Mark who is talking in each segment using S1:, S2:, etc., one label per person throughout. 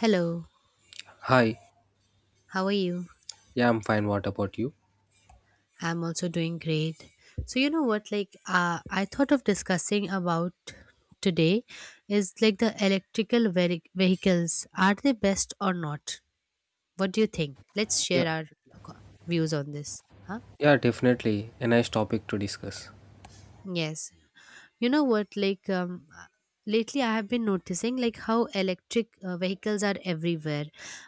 S1: Hello,
S2: Hi,
S1: how are you?
S2: yeah, I'm fine. What about you?
S1: I'm also doing great. So you know what, like I thought of discussing about today is like the vehicles, are they best or not? What do you think? Let's
S2: Yeah,
S1: share our views on this. Huh?
S2: yeah, definitely a nice topic to discuss.
S1: Yes. You know what? Lately I have been noticing like how electric vehicles are everywhere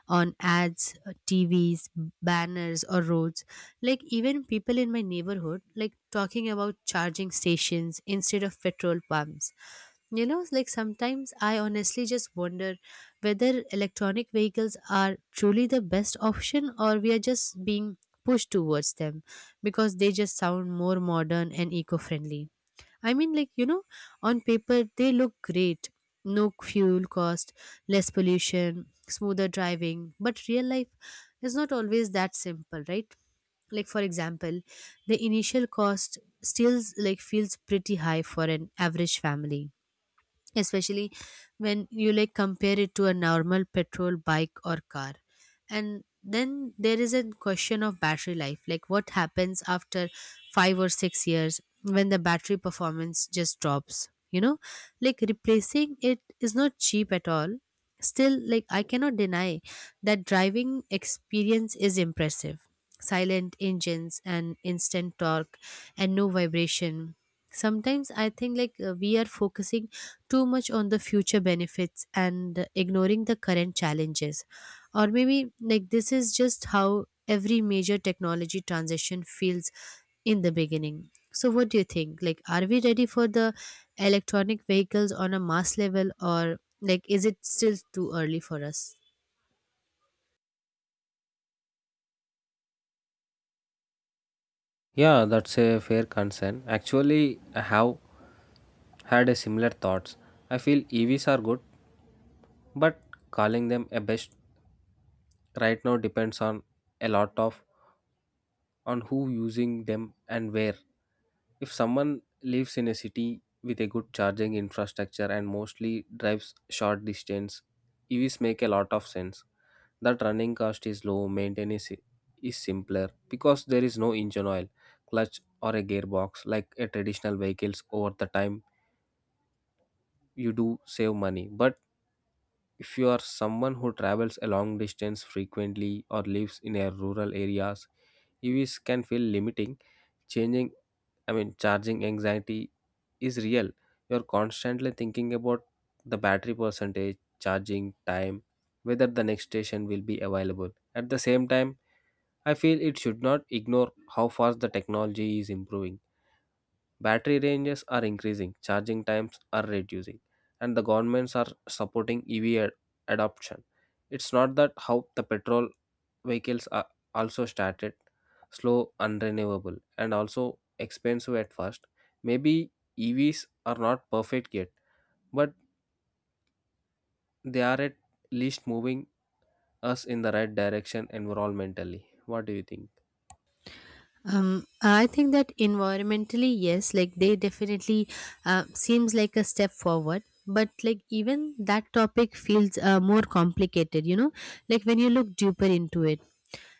S1: on ads, TVs, banners, or roads. Like, even people in my neighborhood like talking about charging stations instead of petrol pumps. You know, like sometimes I honestly just wonder whether electronic vehicles are truly the best option or we are just being pushed towards them because they just sound more modern and eco-friendly. I mean, like, you know, on paper, they look great. No fuel cost, less pollution, smoother driving. But real life is not always that simple, right? Like, for example, the initial cost still like feels pretty high for an average family, especially when you like compare it to a normal petrol bike or car. And then there is a question of battery life, like what happens after 5 or 6 years when the battery performance just drops, you know, like replacing it is not cheap at all. Still, like I cannot deny that driving experience is impressive, silent engines and instant torque and no vibration. Sometimes I think like we are focusing too much on the future benefits and ignoring the current challenges. Or maybe like this is just how every major technology transition feels in the beginning. So what do you think? Like, are we ready for the electronic vehicles on a mass level or like is it still too early for us?
S2: Yeah, that's a fair concern. Actually, I have had a similar thoughts. I feel EVs are good, but calling them a best right now depends on a lot of on who using them and where. If someone lives in a city with a good charging infrastructure and mostly drives short distance, EVs make a lot of sense. That running cost is low, is simpler because there is no engine oil, clutch, or a gearbox like a traditional vehicles. Over the time, you do save money. But if you are someone who travels a long distance frequently or lives in a rural areas, EVs can feel limiting. Changing, charging anxiety is real. You're constantly thinking about the battery percentage, charging time, whether the next station will be available. At the same time, I feel it should not ignore how fast the technology is improving. Battery ranges are increasing, charging times are reducing, and the governments are supporting adoption. It's not that how the petrol vehicles are also started slow, unrenewable, and also expensive at first. Maybe EVs are not perfect yet, but they are at least moving us in the right direction environmentally. What do you think?
S1: I think that environmentally, yes, like they definitely seems like a step forward. But like even that topic feels more complicated, you know, like when you look deeper into it.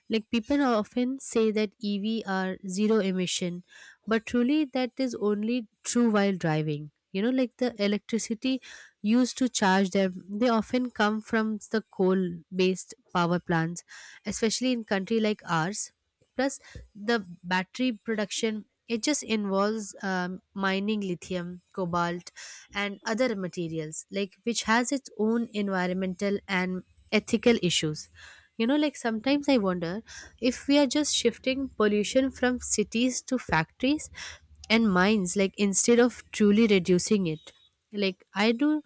S1: Like people often say that EV are zero emission, but truly that is only true while driving. You know, like the electricity used to charge them, they often come from the coal based power plants, especially in country like ours. Plus the battery production, it just involves mining lithium, cobalt and other materials like which has its own environmental and ethical issues. You know, like sometimes I wonder if we are just shifting pollution from cities to factories and mines, like instead of truly reducing it. Like, I do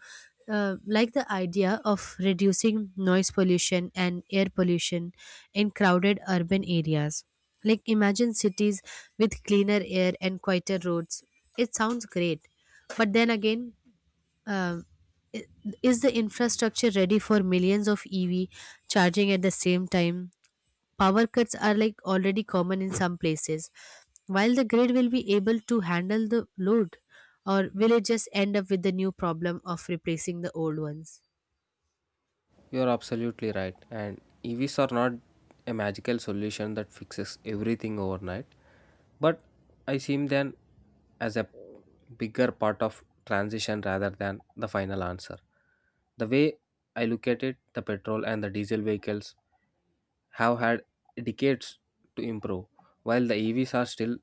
S1: like the idea of reducing noise pollution and air pollution in crowded urban areas. Like, imagine cities with cleaner air and quieter roads. It sounds great, but then again, uh, i- is the infrastructure ready for millions of EV charging at the same time? Power cuts are like already common in some places. While the grid will be able to handle the load, or will it just end up with the new problem of replacing the old ones?
S2: You're absolutely right. And EVs are not a magical solution that fixes everything overnight, but I see them as a bigger part of transition rather than the final answer. The way I look at it, the petrol and the diesel vehicles have had decades to improve, while the EVs are still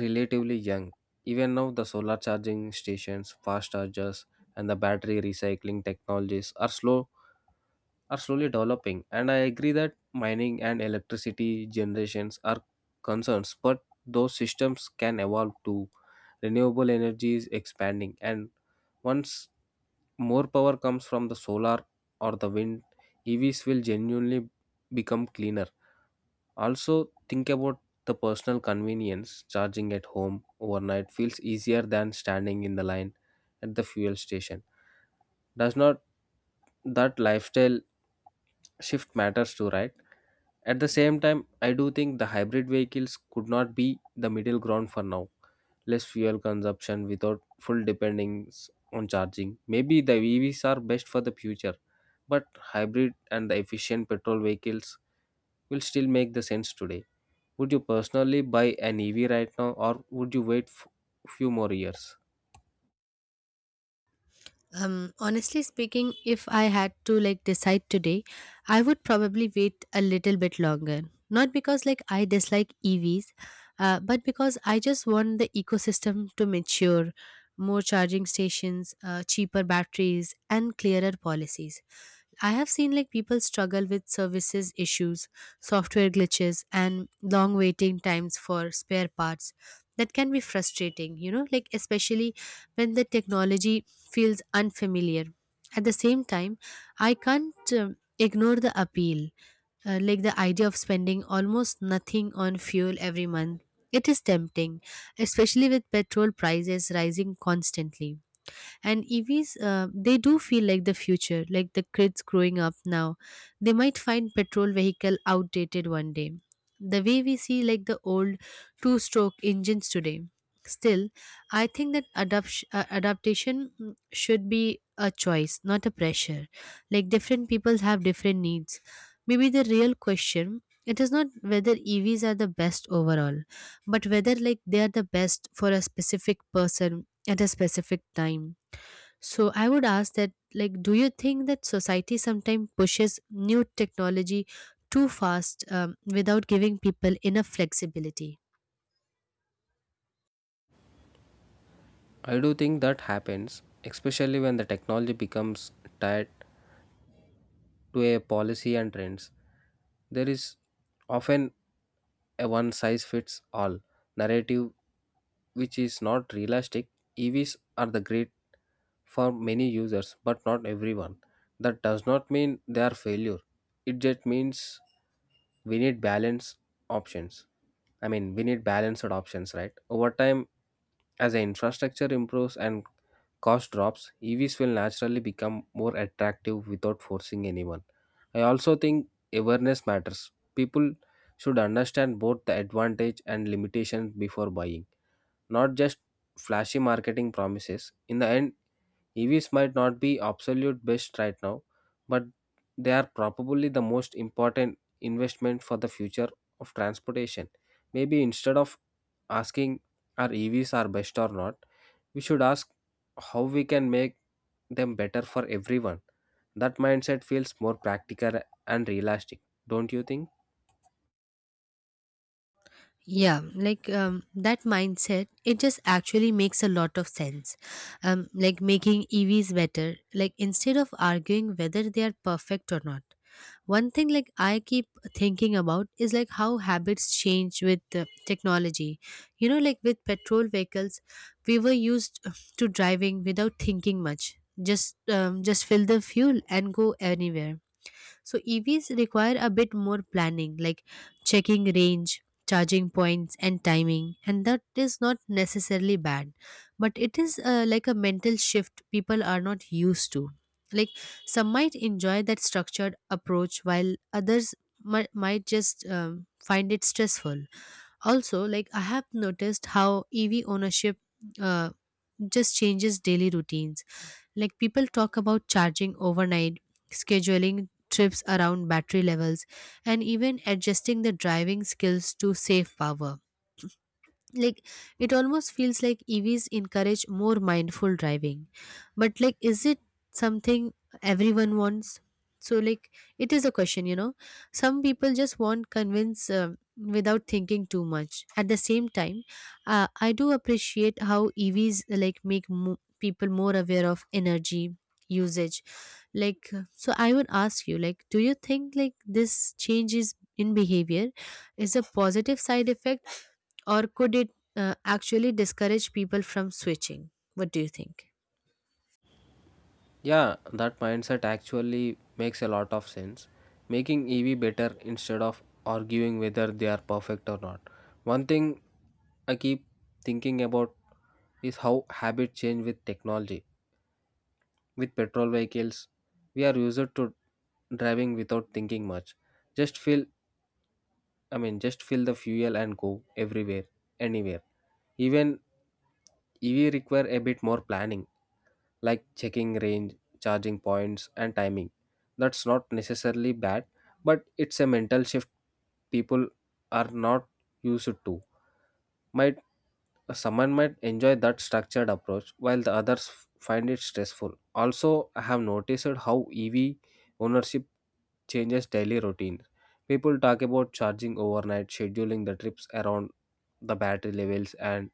S2: relatively young. Even now, the solar charging stations, fast chargers, and the battery recycling technologies are slowly developing, and I agree that mining and electricity generations are concerns, but those systems can evolve to renewable energy is expanding, and once more power comes from the solar or the wind, EVs will genuinely become cleaner. Also, think about the personal convenience, charging at home overnight feels easier than standing in the line at the fuel station. Does not that lifestyle shift matters too, right? At the same time, I do think the hybrid vehicles could not be the middle ground for now. Less fuel consumption without full dependence on charging. Maybe the EVs are best for the future, but hybrid and the efficient petrol vehicles will still make the sense today. Would you personally buy an EV right now, or would you wait few more years?
S1: Honestly speaking, if I had to like decide today, I would probably wait a little bit longer. Not because like I dislike EVs, but because I just want the ecosystem to mature, more charging stations, cheaper batteries, and clearer policies. I have seen like people struggle with services issues, software glitches, and long waiting times for spare parts. That can be frustrating, you know, like especially when the technology feels unfamiliar. At the same time, I can't ignore the appeal, like the idea of spending almost nothing on fuel every month. It is tempting, especially with petrol prices rising constantly. And EVs they do feel like the future, like the kids growing up now, they might find petrol vehicle outdated one day, the way we see like the old two stroke engines today. Still, I think that adaptation should be a choice, not a pressure. Like different people have different needs. Maybe the real question, it is not whether EVs are the best overall, but whether like they are the best for a specific person at a specific time. So I would ask that, like, do you think that society sometimes pushes new technology too fast without giving people enough flexibility?
S2: I do think that happens, especially when the technology becomes tied to a policy and trends. There is often a one size fits all narrative which is not realistic. EVs are the great for many users, but not everyone. That does not mean they are failure. It just means we need balance options. We need balanced options, right? Over time, as the infrastructure improves and cost drops, EVs will naturally become more attractive without forcing anyone. I also think awareness matters. People should understand both the advantage and limitations before buying, not just flashy marketing promises. In the end, EVs might not be absolute best right now, but they are probably the most important investment for the future of transportation. Maybe instead of asking are EVs are best or not, we should ask how we can make them better for everyone. That mindset feels more practical and realistic, don't you think?
S1: Yeah, like that mindset, it just actually makes a lot of sense. Like making EVs better, like instead of arguing whether they are perfect or not. One thing, like, I keep thinking about is like how habits change with technology. You know, like with petrol vehicles, we were used to driving without thinking much. Just fill the fuel and go anywhere. So EVs require a bit more planning, like checking range, charging points, and timing, and that is not necessarily bad, but it is like a mental shift people are not used to. Like some might enjoy that structured approach, while others might just, find it stressful. Also, like I have noticed how EV ownership uh, just changes daily routines, like people talk about charging overnight, scheduling trips around battery levels, and even adjusting the driving skills to save power. Like, it almost feels like EVs encourage more mindful driving, but like is it something everyone wants? So like it is a question, you know, some people just want convince without thinking too much. At the same time, I do appreciate how EVs like make people more aware of energy usage. Like so I would ask you, like, do you think like this changes in behavior is a positive side effect or could it actually discourage people from switching? What do you think?
S2: Yeah, that mindset actually makes a lot of sense. Making EV better instead of arguing whether they are perfect or not. One thing I keep thinking about is how habit change with technology. With petrol vehicles, we are used to driving without thinking much. Just fill just fill the fuel and go everywhere, anywhere. Even EV require a bit more planning, like checking range, charging points, and timing. That's not necessarily bad, but it's a mental shift people are not used to. Might Someone might enjoy that structured approach, while the others find it stressful. Also, I have noticed how EV ownership changes daily routine. People talk about charging overnight, scheduling the trips around the battery levels, and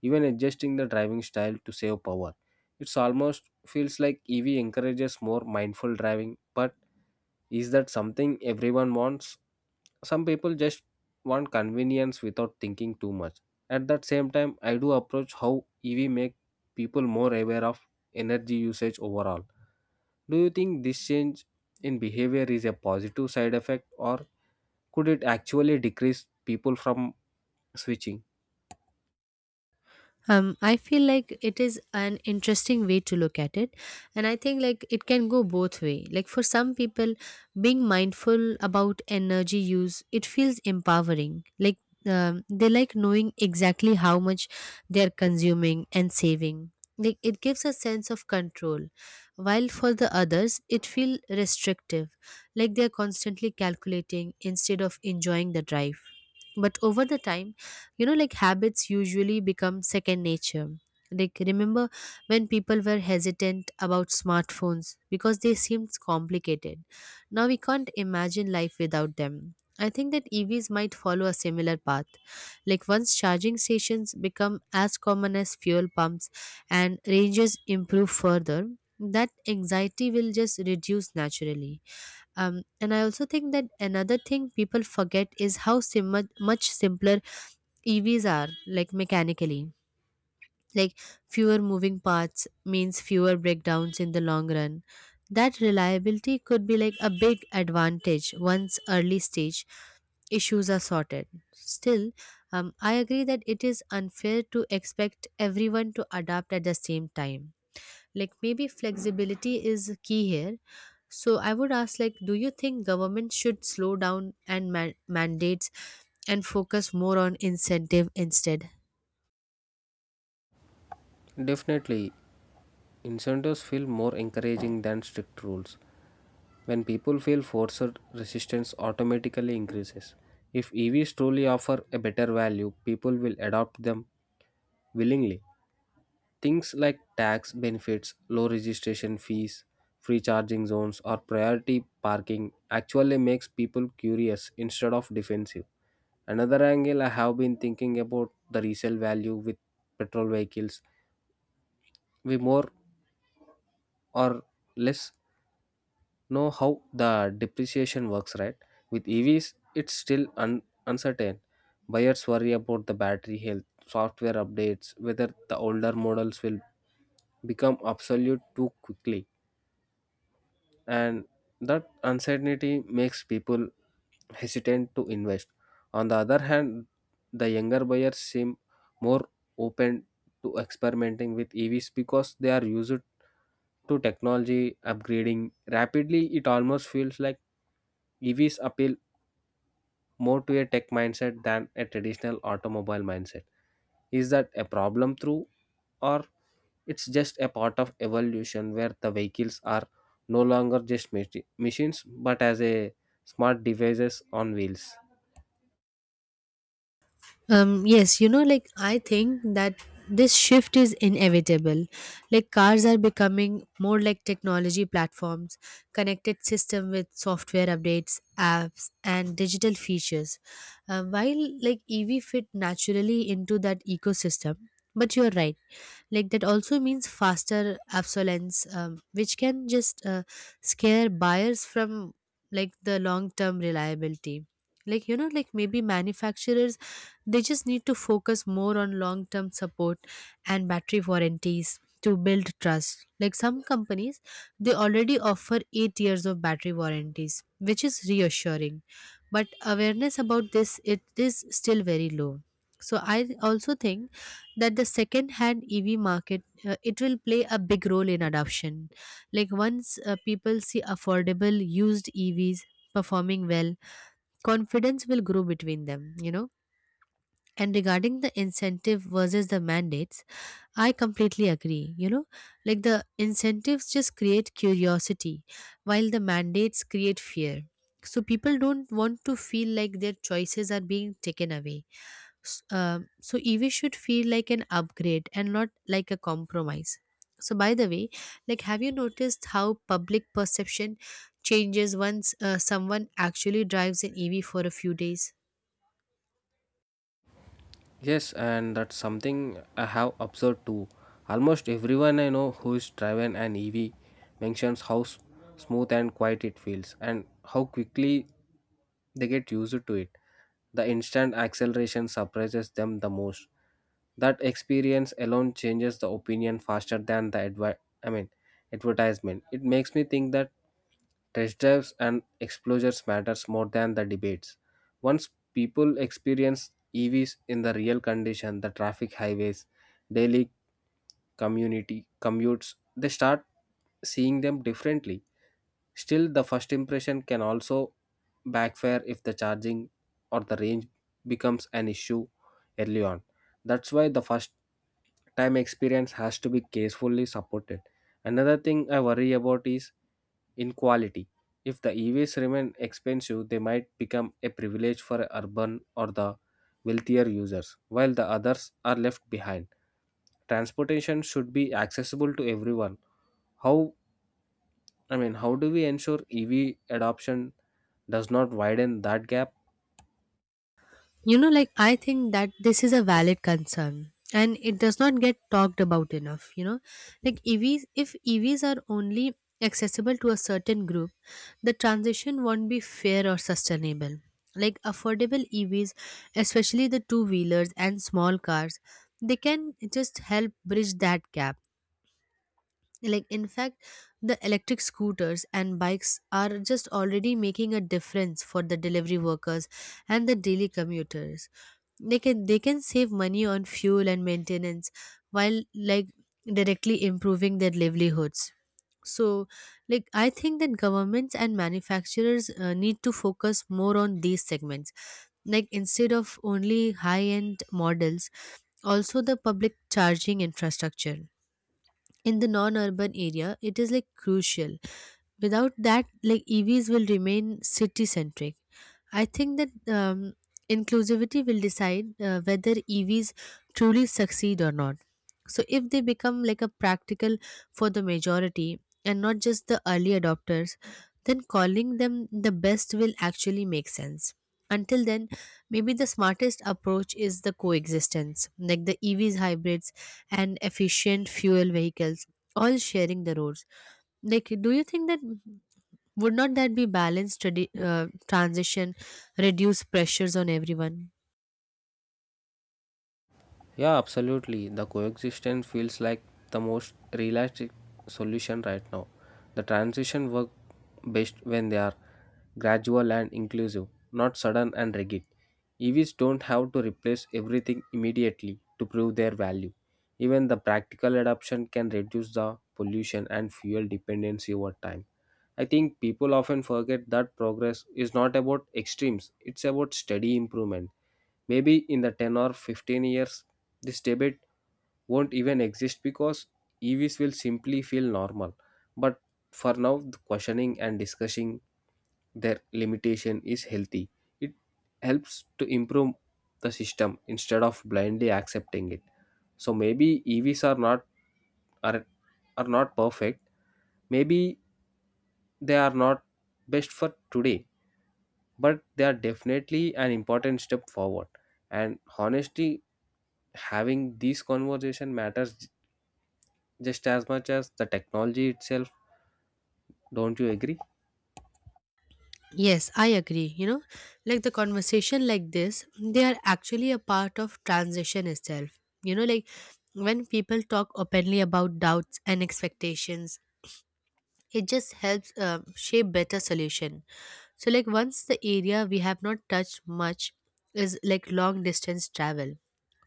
S2: even adjusting the driving style to save power. It's almost feels like EV encourages more mindful driving, but is that something everyone wants? Some people just want convenience without thinking too much. At that same time, I do approach how EV make people more aware of energy usage overall. Do you think this change in behavior is a positive side effect or could it actually decrease people from switching?
S1: I feel like it is an interesting way to look at it, and I think like it can go both way. Like for some people, being mindful about energy use, it feels empowering. Like they like knowing exactly how much they are consuming and saving. Like it gives a sense of control, while for the others, it feel restrictive. Like they are constantly calculating instead of enjoying the drive. But over the time, you know, like habits usually become second nature. Like remember when people were hesitant about smartphones because they seemed complicated? Now we can't imagine life without them. I think that EVs might follow a similar path, like once charging stations become as common as fuel pumps and ranges improve further, that anxiety will just reduce naturally. And I also think that another thing people forget is how much simpler EVs are, like mechanically. Like fewer moving parts means fewer breakdowns in the long run. That reliability could be like a big advantage once early stage issues are sorted. Still, I agree that it is unfair to expect everyone to adapt at the same time. Like, maybe flexibility is key here. So I would ask, like, do you think government should slow down and mandates and focus more on incentive instead?
S2: Definitely, incentives feel more encouraging than strict rules. When people feel forced, resistance automatically increases. If EVs truly offer a better value, people will adopt them willingly. Things like tax benefits, low registration fees, free charging zones, or priority parking actually makes people curious instead of defensive. Another angle I have been thinking about the resale value with petrol vehicles. We more or less know how the depreciation works, right? With EVs, it's still uncertain. Buyers worry about the battery health, software updates, whether the older models will become obsolete too quickly, and that uncertainty makes people hesitant to invest. On the other hand, the younger buyers seem more open to experimenting with EVs because they are used to technology upgrading rapidly. It almost feels like EVs appeal more to a tech mindset than a traditional automobile mindset. Is that a problem through, or it's just a part of evolution where the vehicles are no longer just machines but as a smart devices on wheels.
S1: Yes, you know, like I think that this shift is inevitable. Like cars are becoming more like technology platforms, connected system with software updates, apps, and digital features. While like EV fit naturally into that ecosystem, but you're right. Like that also means faster obsolescence, which can just scare buyers from like the long-term reliability. Like, you know, like maybe manufacturers, they just need to focus more on long term support and battery warranties to build trust. Like some companies, they already offer 8 years of battery warranties, which is reassuring. But awareness about this, it is still very low. So I also think that the second hand EV market, it will play a big role in adoption. Like once people see affordable used EVs performing well, confidence will grow between them, you know. And regarding the incentive versus the mandates, I completely agree. You know, like the incentives just create curiosity, while the mandates create fear. So people don't want to feel like their choices are being taken away. So EV should feel like an upgrade and not like a compromise. So by the way, like have you noticed how public perception changes once someone actually drives an EV for a few days?
S2: Yes, and that's something I have observed too. Almost everyone I know who is driving an EV mentions how smooth and quiet it feels and how quickly they get used to it. The instant acceleration surprises them the most. That experience alone changes the opinion faster than the I mean advertisement. It makes me think that test drives and exposures matters more than the debates. Once people experience EVs in the real condition, the traffic highways, daily community commutes, they start seeing them differently. Still, the first impression can also backfire if the charging or the range becomes an issue early on. That's why the first time experience has to be carefully supported. Another thing I worry about is inequality. If the EVs remain expensive, they might become a privilege for urban or the wealthier users, while the others are left behind. Transportation should be accessible to everyone. How how do we ensure EV adoption does not widen that gap?
S1: You know, like I think that this is a valid concern and it does not get talked about enough, you know. Like EVs, if EVs are only accessible to a certain group, the transition won't be fair or sustainable. Like affordable EVs, especially the two wheelers and small cars, they can just help bridge that gap. Like in fact, the electric scooters and bikes are just already making a difference for the delivery workers and the daily commuters. They can save money on fuel and maintenance while directly improving their livelihoods. So like I think that governments and manufacturers need to focus more on these segments, like instead of only high end models. Also the public charging infrastructure in the non-urban area, it is like crucial. Without that, like EVs will remain city centric. I think that inclusivity will decide whether EVs truly succeed or not. So if they become like a practical for the majority and not just the early adopters, then calling them the best will actually make sense. Until then, maybe the smartest approach is the coexistence, like the EVs, hybrids and efficient fuel vehicles all sharing the roads. Like do you think that, would not that be balanced transition, reduce pressures on everyone?
S2: Yeah, absolutely. The coexistence feels like the most realistic solution right now. The transition work best when they are gradual and inclusive, not sudden and rigid. EVs don't have to replace everything immediately to prove their value. Even the practical adoption can reduce the pollution and fuel dependency over time. I think people often forget that progress is not about extremes, it's about steady improvement. Maybe in the 10 or 15 years, this debate won't even exist because EVs will simply feel normal. But for now, the questioning and discussing their limitation is healthy. It helps to improve the system instead of blindly accepting it. So maybe EVs are not are, are not perfect. Maybe they are not best for today, but they are definitely an important step forward. And honestly, having these conversation matters just as much as the technology itself. Don't you agree?
S1: Yes, I agree, you know. Like the conversation like this, they are actually a part of transition itself, you know. Like when people talk openly about doubts and expectations, it just helps shape better solution. So like once the area we have not touched much is like long distance travel.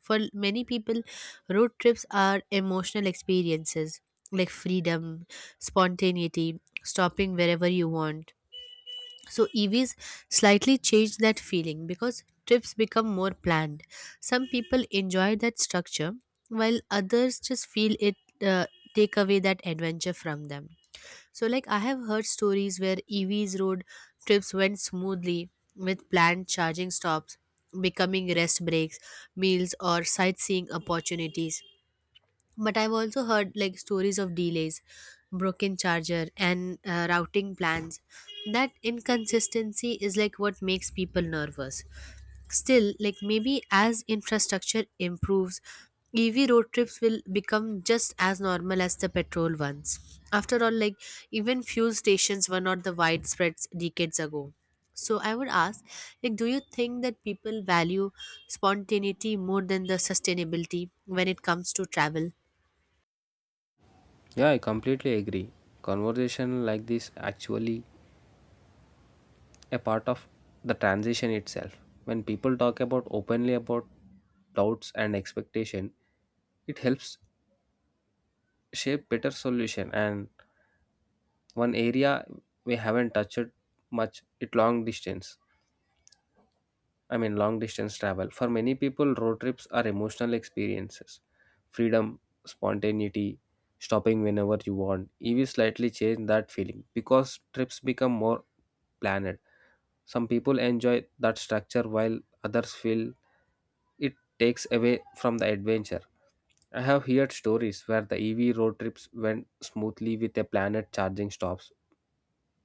S1: For many people, road trips are emotional experiences, like freedom, spontaneity, stopping wherever you want. So EVs slightly change that feeling because trips become more planned. Some people enjoy that structure while others just feel it uh, take away that adventure from them. So, like, I have heard stories where EVs road trips went smoothly with planned charging stops becoming rest breaks, meals, or sightseeing opportunities. But I've also heard like stories of delays, broken charger and routing plans. That inconsistency is like what makes people nervous. Still, like maybe as infrastructure improves, EV road trips will become just as normal as the petrol ones. After all, like even fuel stations were not the widespread decades ago. So I would ask, like do you think that people value spontaneity more than the sustainability when it comes to travel?
S2: Yeah, I completely agree. Conversation like this actually a part of the transition itself. When people talk about openly about doubts and expectation, it helps shape better solution, and one area we haven't touched much it long distance I mean, long distance travel. For many people, road trips are emotional experiences. Freedom, spontaneity, stopping whenever you want. EV slightly change that feeling because trips become more planned. Some people enjoy that structure while others feel it takes away from the adventure. I have heard stories where the EV road trips went smoothly with a planned charging stops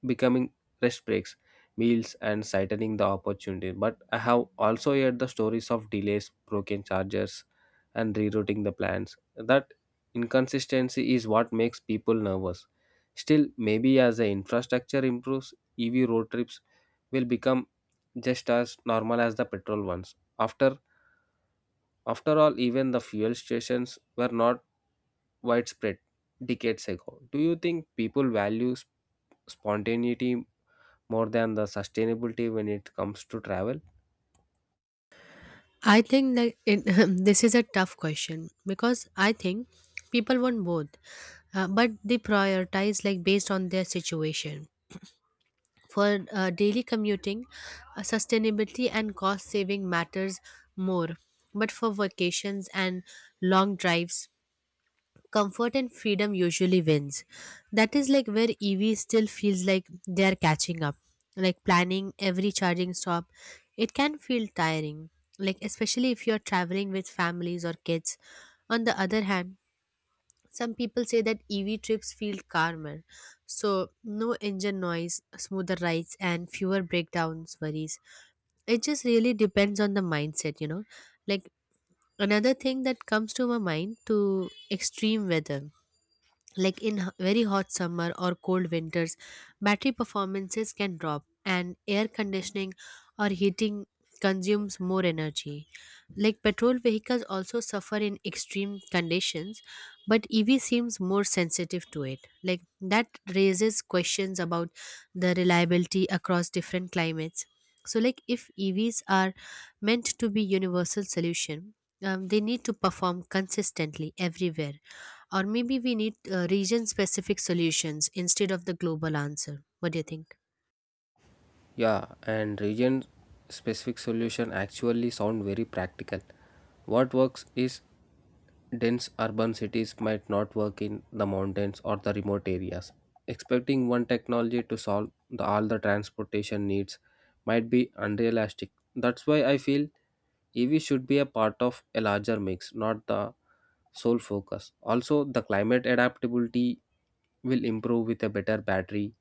S2: becoming rest breaks, meals, and sightening the opportunity. But I have also heard the stories of delays, broken chargers, and rerouting the plans. That inconsistency is what makes people nervous. Still, maybe as the infrastructure improves, EV road trips will become just as normal as the petrol ones. After all, even the fuel stations were not widespread decades ago. Do you think people value spontaneity more than the sustainability when it comes to travel?
S1: I think that it, This is a tough question because I think people want both, but they prioritize like based on their situation. For daily commuting, sustainability and cost saving matters more, but for vacations and long drives, comfort and freedom usually wins. That is like where EV still feels like they are catching up. Like planning every charging stop, it can feel tiring. Like especially if you are traveling with families or kids. On the other hand, some people say that EV trips feel calmer. So no engine noise, smoother rides and fewer breakdowns worries. It just really depends on the mindset, you know. Like another thing that comes to my mind to extreme weather, like in very hot summer or cold winters, battery performances can drop and air conditioning or heating consumes more energy. Like petrol vehicles also suffer in extreme conditions, but EV seems more sensitive to it. Like that raises questions about the reliability across different climates. So like if EVs are meant to be universal solution, they need to perform consistently everywhere, or maybe we need region specific solutions instead of the global answer. What do you think?
S2: Yeah, and region specific solution actually sound very practical. What works is dense urban cities might not work in the mountains or the remote areas. Expecting one technology to solve the, all the transportation needs might be unrealistic. That's why I feel EV should be a part of a larger mix, not the sole focus. Also, the climate adaptability will improve with a better battery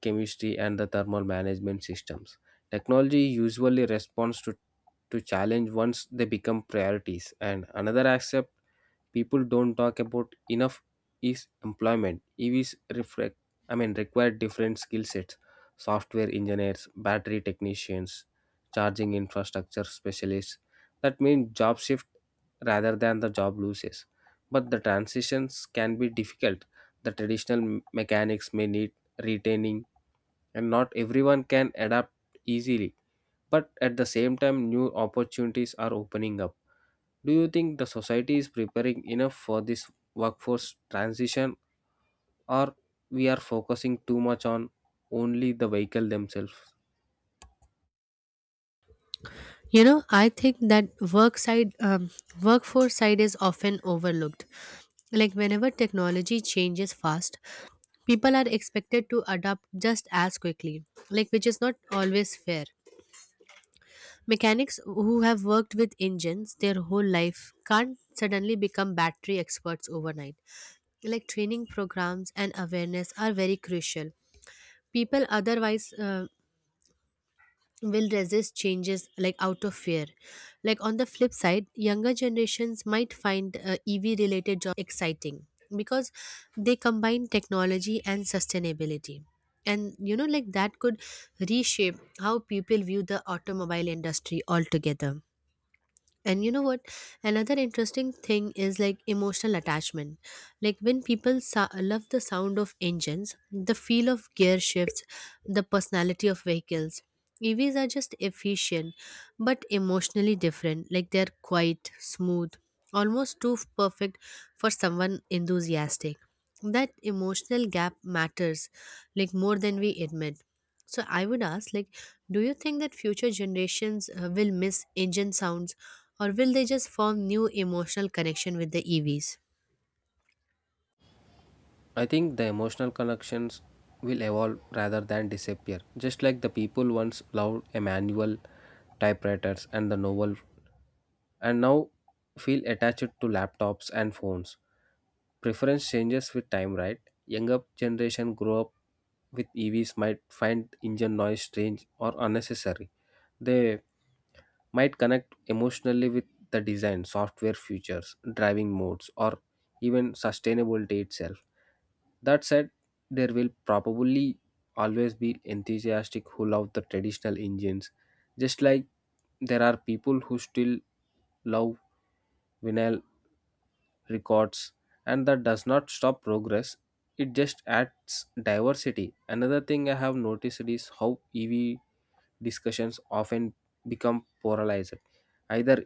S2: chemistry and the thermal management systems. Technology usually responds to challenge once they become priorities. And another aspect people don't talk about enough is employment. EVs reflect, I mean, require different skill sets: software engineers, battery technicians, charging infrastructure specialists. That means job shift rather than the job loses. But the transitions can be difficult. The traditional mechanics may need retaining, and not everyone can adapt easily. But at the same time, new opportunities are opening up. Do you think the society is preparing enough for this workforce transition, or we are focusing too much on only the vehicle themselves?
S1: You know, I think that work side, workforce side is often overlooked. Like whenever technology changes fast, people are expected to adapt just as quickly, like which is not always fair. Mechanics who have worked with engines their whole life can't suddenly become battery experts overnight. Like training programs and awareness are very crucial. People otherwise will resist changes like out of fear. Like on the flip side, younger generations might find EV related jobs exciting because they combine technology and sustainability. And you know, like that could reshape how people view the automobile industry altogether. And you know what? Another interesting thing is like emotional attachment. Like when people love the sound of engines, the feel of gear shifts, the personality of vehicles. EVs are just efficient but emotionally different. Like they're quiet, smooth, almost too perfect for someone enthusiastic. That emotional gap matters like more than we admit. So I would ask, like, do you think that future generations will miss engine sounds, or will they just form new emotional connection with the EVs?
S2: I think the emotional connections will evolve rather than disappear. Just like the people once loved a manual typewriters and the novel and now feel attached to laptops and phones. Preference changes with time, right? Younger generation grow up with EVs might find engine noise strange or unnecessary. They might connect emotionally with the design, software features, driving modes, or even sustainability itself. That said, there will probably always be enthusiastic who love the traditional engines, just like there are people who still love vinyl records, and that does not stop progress. It just adds diversity. Another thing I have noticed is how EV discussions often become polarized. Either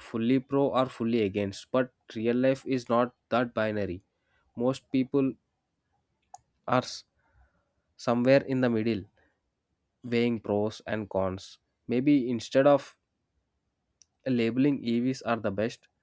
S2: fully pro or fully against, but real life is not that binary. Most people are somewhere in the middle weighing pros and cons. Maybe instead of labeling evs are the best